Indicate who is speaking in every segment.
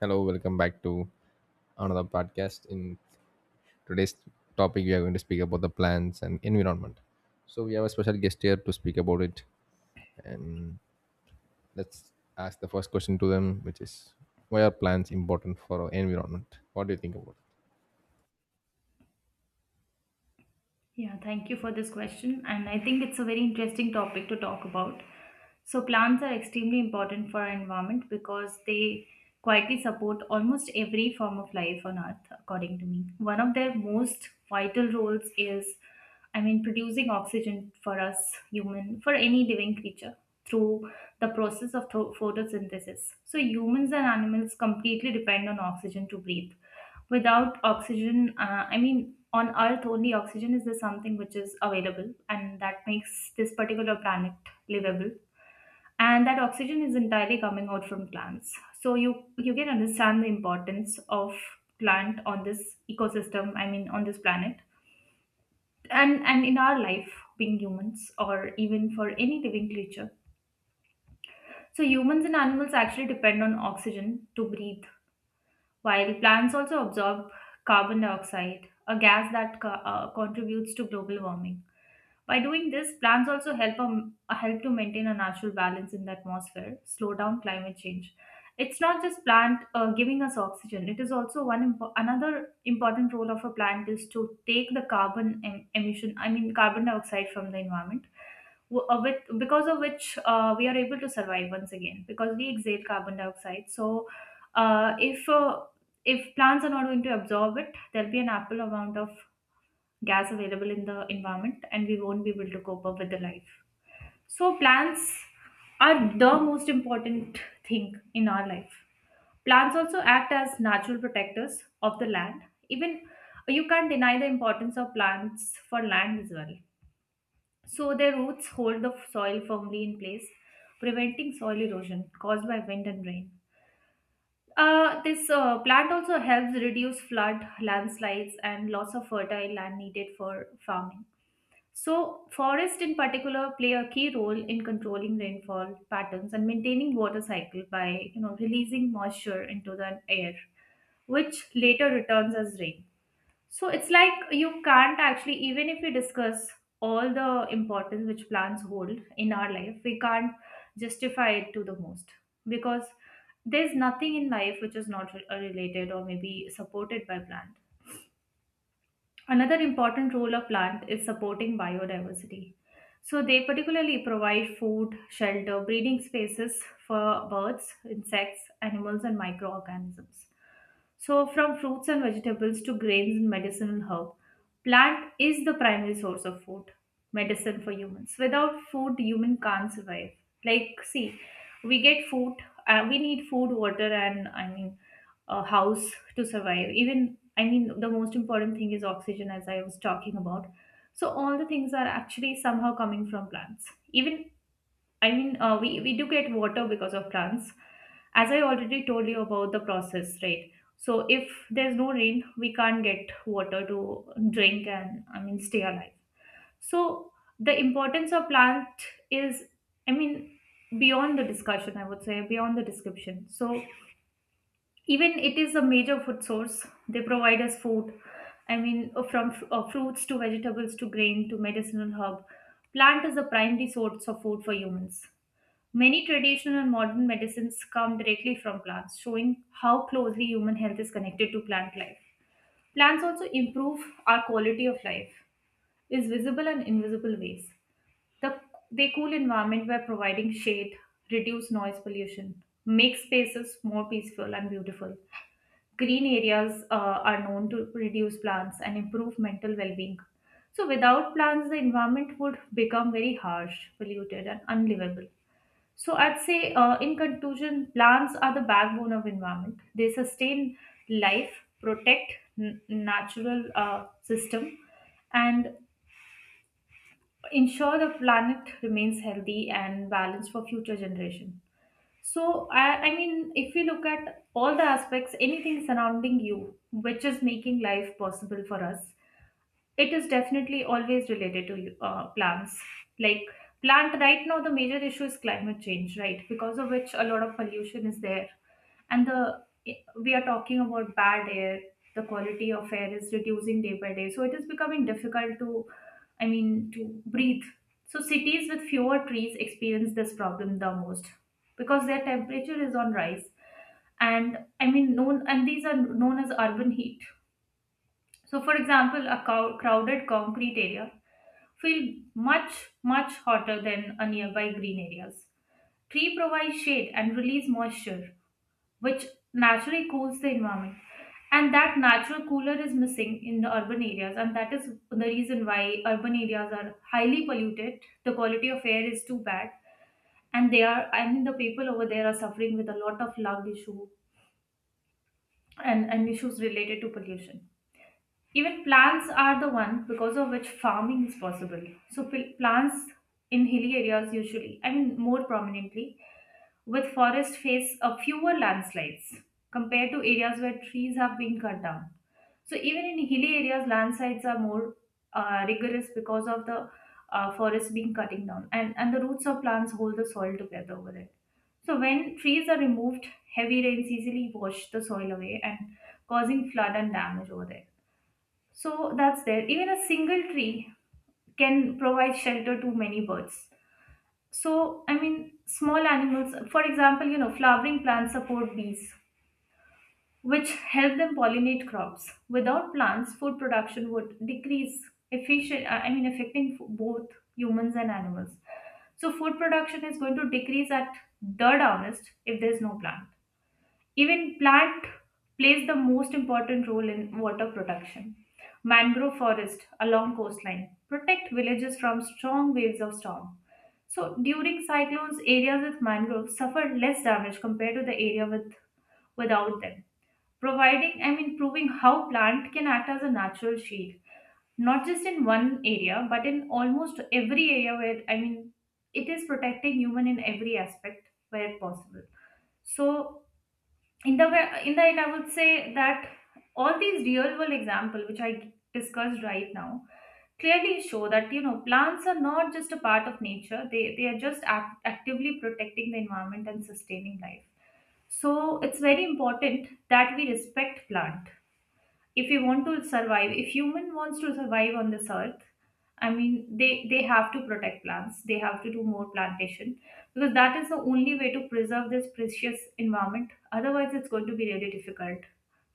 Speaker 1: Hello, welcome back to another podcast. In today's topic, we are going to speak about the plants and environment. So we have a special guest here to speak about it, and let's ask the first question to them, which is, why are plants important for our environment? What do you think about it?
Speaker 2: Yeah, thank you for this question. And I think it's a very interesting topic to talk about. So, plants are extremely important for our environment because they quietly support almost every form of life on earth, according to me. One of their most vital roles is, I mean, producing oxygen for us human, for any living creature through the process of photosynthesis. So, humans and animals completely depend on oxygen to breathe without oxygen. I mean, on earth only oxygen is the something which is available and that makes this particular planet livable, and that oxygen is entirely coming out from plants. So you can understand the importance of plant on this ecosystem, I mean on this planet, and in our life, being humans or even for any living creature. So humans and animals actually depend on oxygen to breathe, while plants also absorb carbon dioxide, a gas that contributes to global warming. By doing this, plants also help to maintain a natural balance in the atmosphere, slow down climate change. It's not just plant giving us oxygen. It is also another important role of a plant is to take the emission, I mean carbon dioxide from the environment, with because of which we are able to survive once again because we exhale carbon dioxide. So, if if plants are not going to absorb it, there'll be an ample amount of gas available in the environment and we won't be able to cope up with the life. So plants are the most important thing in our life. Plants also act as natural protectors of the land. Even, you can't deny the importance of plants for land as well. So their roots hold the soil firmly in place, preventing soil erosion caused by wind and rain. This plant also helps reduce flood, landslides and loss of fertile land needed for farming. So, forests in particular play a key role in controlling rainfall patterns and maintaining water cycle by, you know, releasing moisture into the air, which later returns as rain. So, it's like you can't actually, even if we discuss all the importance which plants hold in our life, we can't justify it to the most, because there's nothing in life which is not related or maybe supported by plant. Another important role of plant is supporting biodiversity. So they particularly provide food, shelter, breeding spaces for birds, insects, animals and microorganisms. So, from fruits and vegetables to grains and medicinal herb, plant is the primary source of food, medicine for humans. Without food, human can't survive. Like, see, we get food, we need food, water, and I mean, a house to survive. Even, I mean, the most important thing is oxygen, as I was talking about. So, all the things are actually somehow coming from plants. Even I mean, we do get water because of plants. As I already told you about the process, right? So if there's no rain, we can't get water to drink and I mean stay alive. So the importance of plant is, I mean, beyond the discussion, I would say, beyond the description. So even it is a major food source. They provide us food. I mean, from fruits to vegetables to grain to medicinal herb. Plant is the primary source of food for humans. Many traditional and modern medicines come directly from plants, showing how closely human health is connected to plant life. Plants also improve our quality of life in visible and invisible ways. The, they cool environment by providing shade, reduce noise pollution, make spaces more peaceful and beautiful. Green areas are known to reduce plants and improve mental well-being. So without plants, the environment would become very harsh, polluted, and unlivable. So I'd say, in conclusion, plants are the backbone of environment. They sustain life, protect natural system, and ensure the planet remains healthy and balanced for future generation. So I mean, if you look at all the aspects, anything surrounding you, which is making life possible for us, it is definitely always related to plants. Like plant, right now the major issue is climate change, right? Because of which a lot of pollution is there, and the we are talking about bad air. The quality of air is reducing day by day, so it is becoming difficult to, I mean, to breathe. So cities with fewer trees experience this problem the most, because their temperature is on rise, and I mean known, and these are known as urban heat. So, for example, a crowded concrete area feel much hotter than a nearby green areas. Tree provides shade and release moisture, which naturally cools the environment. And that natural cooler is missing in the urban areas, and that is the reason why urban areas are highly polluted. The quality of air is too bad, and they are. I mean, the people over there are suffering with a lot of lung issue, and issues related to pollution. Even plants are the one because of which farming is possible. So plants in hilly areas usually, I mean more prominently, with forest face a fewer landslides compared to areas where trees have been cut down. So even in hilly areas, landslides are more rigorous because of the forest being cutting down, and the roots of plants hold the soil together over it. So when trees are removed, heavy rains easily wash the soil away and causing flood and damage over there. So that's there. Even a single tree can provide shelter to many birds. So, I mean, small animals, for example, you know, flowering plants support bees, which help them pollinate crops. Without plants, food production would decrease, efficient, I mean, affecting both humans and animals. So, food production is going to decrease at the harvest if there's no plant. Even plant plays the most important role in water protection. Mangrove forest along coastline protect villages from strong waves of storm. So during cyclones, areas with mangroves suffer less damage compared to the area with without them. Providing, I mean, proving how plant can act as a natural shield, not just in one area, but in almost every area where, I mean, it is protecting human in every aspect where possible. So in the end, I would say that all these real world examples which I discussed right now clearly show that, you know, plants are not just a part of nature; they are just actively protecting the environment and sustaining life. So it's very important that we respect plant. If we want to survive, if human wants to survive on this earth, I mean, they have to protect plants, they have to do more plantation, because that is the only way to preserve this precious environment. Otherwise it's going to be really difficult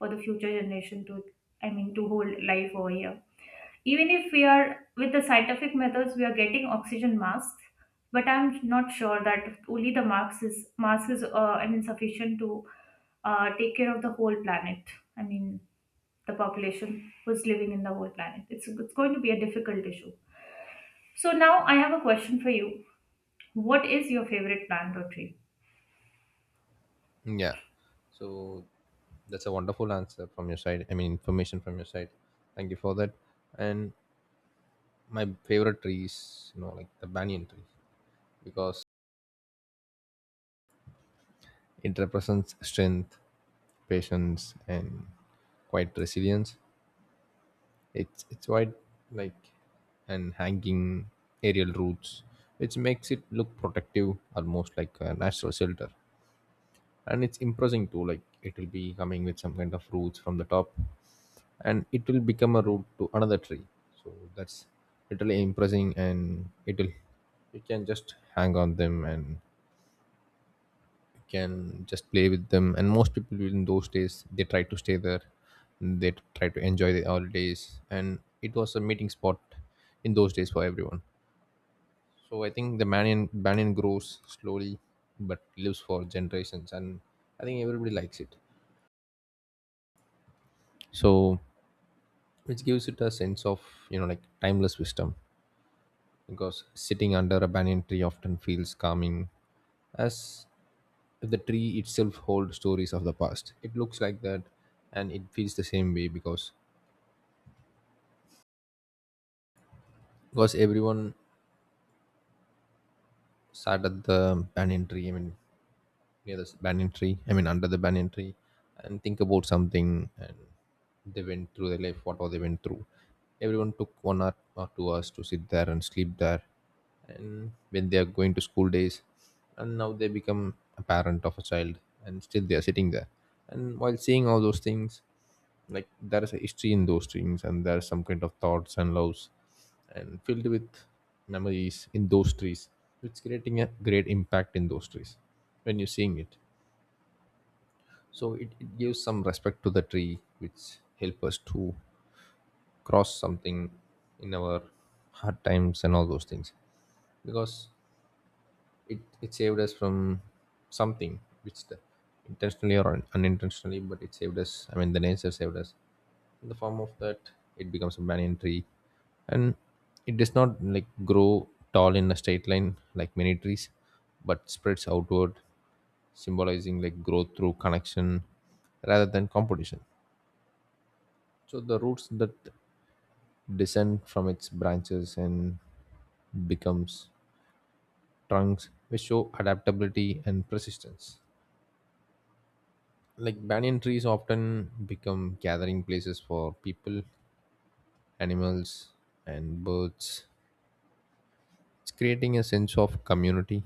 Speaker 2: for the future generation to, I mean, to hold life over here. Even if we are with the scientific methods, we are getting oxygen masks, but I'm not sure that only the mask is I mean sufficient to take care of the whole planet. I mean, the population who's living in the whole planet, it's going to be a difficult issue. So now I have a question for you: what is your favorite plant or tree?
Speaker 1: Yeah. So that's a wonderful answer from your side. I mean, information from your side. Thank you for that. And my favorite tree is, like the banyan tree because it represents strength, patience, and quite resilience. It's quite like and hanging aerial roots, which makes it look protective, almost like a natural shelter. And it's imposing too. Like, it will be coming with some kind of roots from the top, and it will become a root to another tree. So that's literally impressing, and it will you can just hang on them and can just play with them. And most people in those days, they try to stay there, they try to enjoy the holidays, and it was a meeting spot in those days for everyone. So I think the banyan grows slowly but lives for generations, and I think everybody likes it. So, which gives it a sense of, like, timeless wisdom, because sitting under a banyan tree often feels calming, as the tree itself holds stories of the past. It looks like that, and it feels the same way, because everyone sat at the banyan tree, I mean near the banyan tree, I mean under the banyan tree, and think about something. And they went through their life, what all they went through. Everyone took one hour or 2 hours to sit there and sleep there. And when they are going to school days, and now they become a parent of a child, and still they are sitting there. And while seeing all those things, like, there is a history in those things, and there is some kind of thoughts and loves, and filled with memories in those trees. It's creating a great impact in those trees when you're seeing it. So it gives some respect to the tree, which help us to cross something in our hard times and all those things. Because it saved us from something which, the, intentionally or unintentionally, but it saved us. I mean, the nature saved us in the form of that. It becomes a banyan tree, and it does not like grow tall in a straight line like many trees, but spreads outward, symbolizing like growth through connection rather than competition. So the roots that descend from its branches and becomes trunks, which show adaptability and persistence. Like, banyan trees often become gathering places for people, animals, and birds. It's creating a sense of community,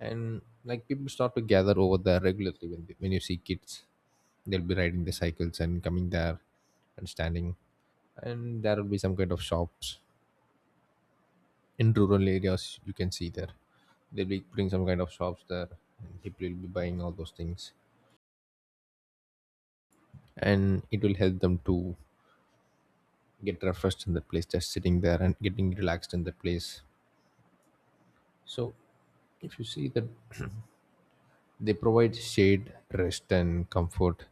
Speaker 1: and, like, people start to gather over there regularly. When you see kids, they'll be riding the cycles and coming there and standing, and there will be some kind of shops. In rural areas, you can see there, they'll be putting some kind of shops there, and people will be buying all those things, and it will help them to get refreshed in the place, just sitting there and getting relaxed in the place. So, if you see that, they provide shade, rest, and comfort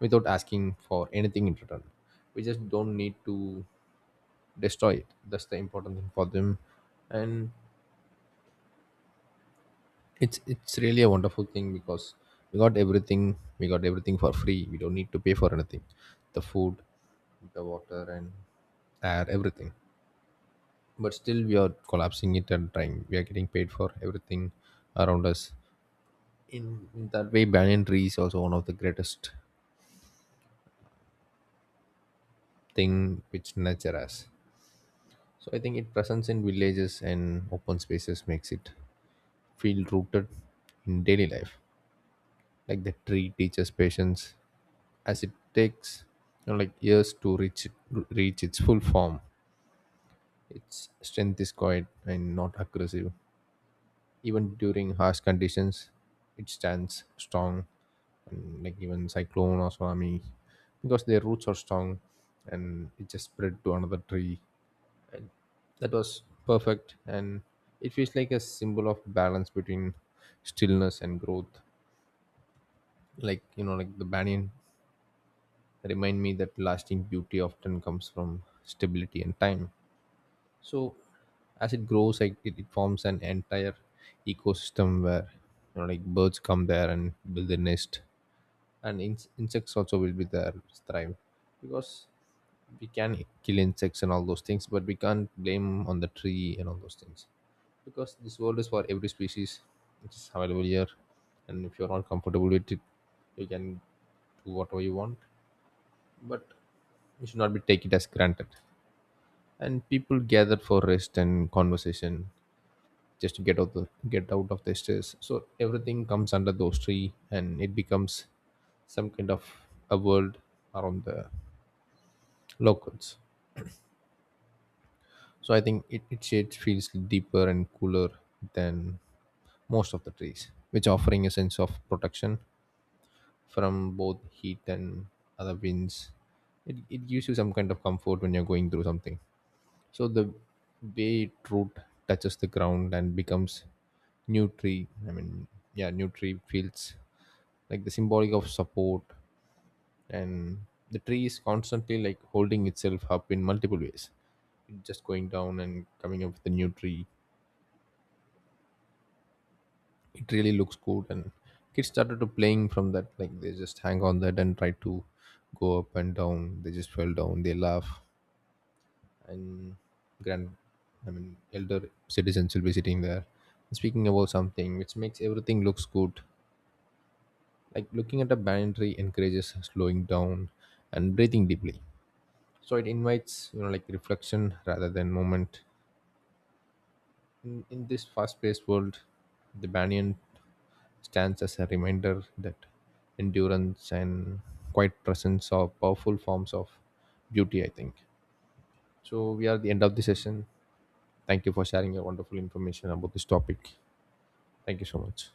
Speaker 1: without asking for anything in return. We just don't need to destroy it. That's the important thing for them, and it's really a wonderful thing, because we got everything. We got everything for free. We don't need to pay for anything. The food, the water, and air, everything. But still, we are collapsing it and trying. We are getting paid for everything around us. In that way, banyan tree is also one of the greatest thing which nature has. So I think it presence in villages and open spaces makes it feel rooted in daily life. Like, the tree teaches patience, as it takes, like, years to reach its full form. Its strength is quiet and not aggressive. Even during harsh conditions, it stands strong, and, like, even cyclone or tsunami, because their roots are strong, and it just spread to another tree. That was perfect, and it feels like a symbol of balance between stillness and growth. Like, the banyan remind me that lasting beauty often comes from stability and time. So, as it grows, like, it forms an entire ecosystem where, like, birds come there and build a nest, and insects also will be there, thrive. Because we can kill insects and all those things, but we can't blame on the tree and all those things, because this world is for every species which is available here. And if you're not comfortable with it, you can do whatever you want, but you should not be take it as granted. And people gather for rest and conversation, just to get out of the stress. So everything comes under those three, and it becomes some kind of a world around the locals. So I think it shade feels deeper and cooler than most of the trees, which offering a sense of protection from both heat and other winds. It gives you some kind of comfort when you're going through something. So the way it root touches the ground and becomes new tree. I mean, yeah, new tree feels like the symbolic of support, and the tree is constantly like holding itself up in multiple ways. It's just going down and coming up with a new tree. It really looks good, and kids started to playing from that, like, they just hang on that and try to go up and down. They just fell down, they laugh. And grand I mean, elder citizens will be sitting there, speaking about something, which makes everything looks good. Like, looking at a banyan tree encourages slowing down and breathing deeply. So it invites, like, reflection rather than moment. In this fast-paced world, the banyan stands as a reminder that endurance and quiet presence are powerful forms of beauty, I think. So we are at the end of the session. Thank you for sharing your wonderful information about this topic. Thank you so much.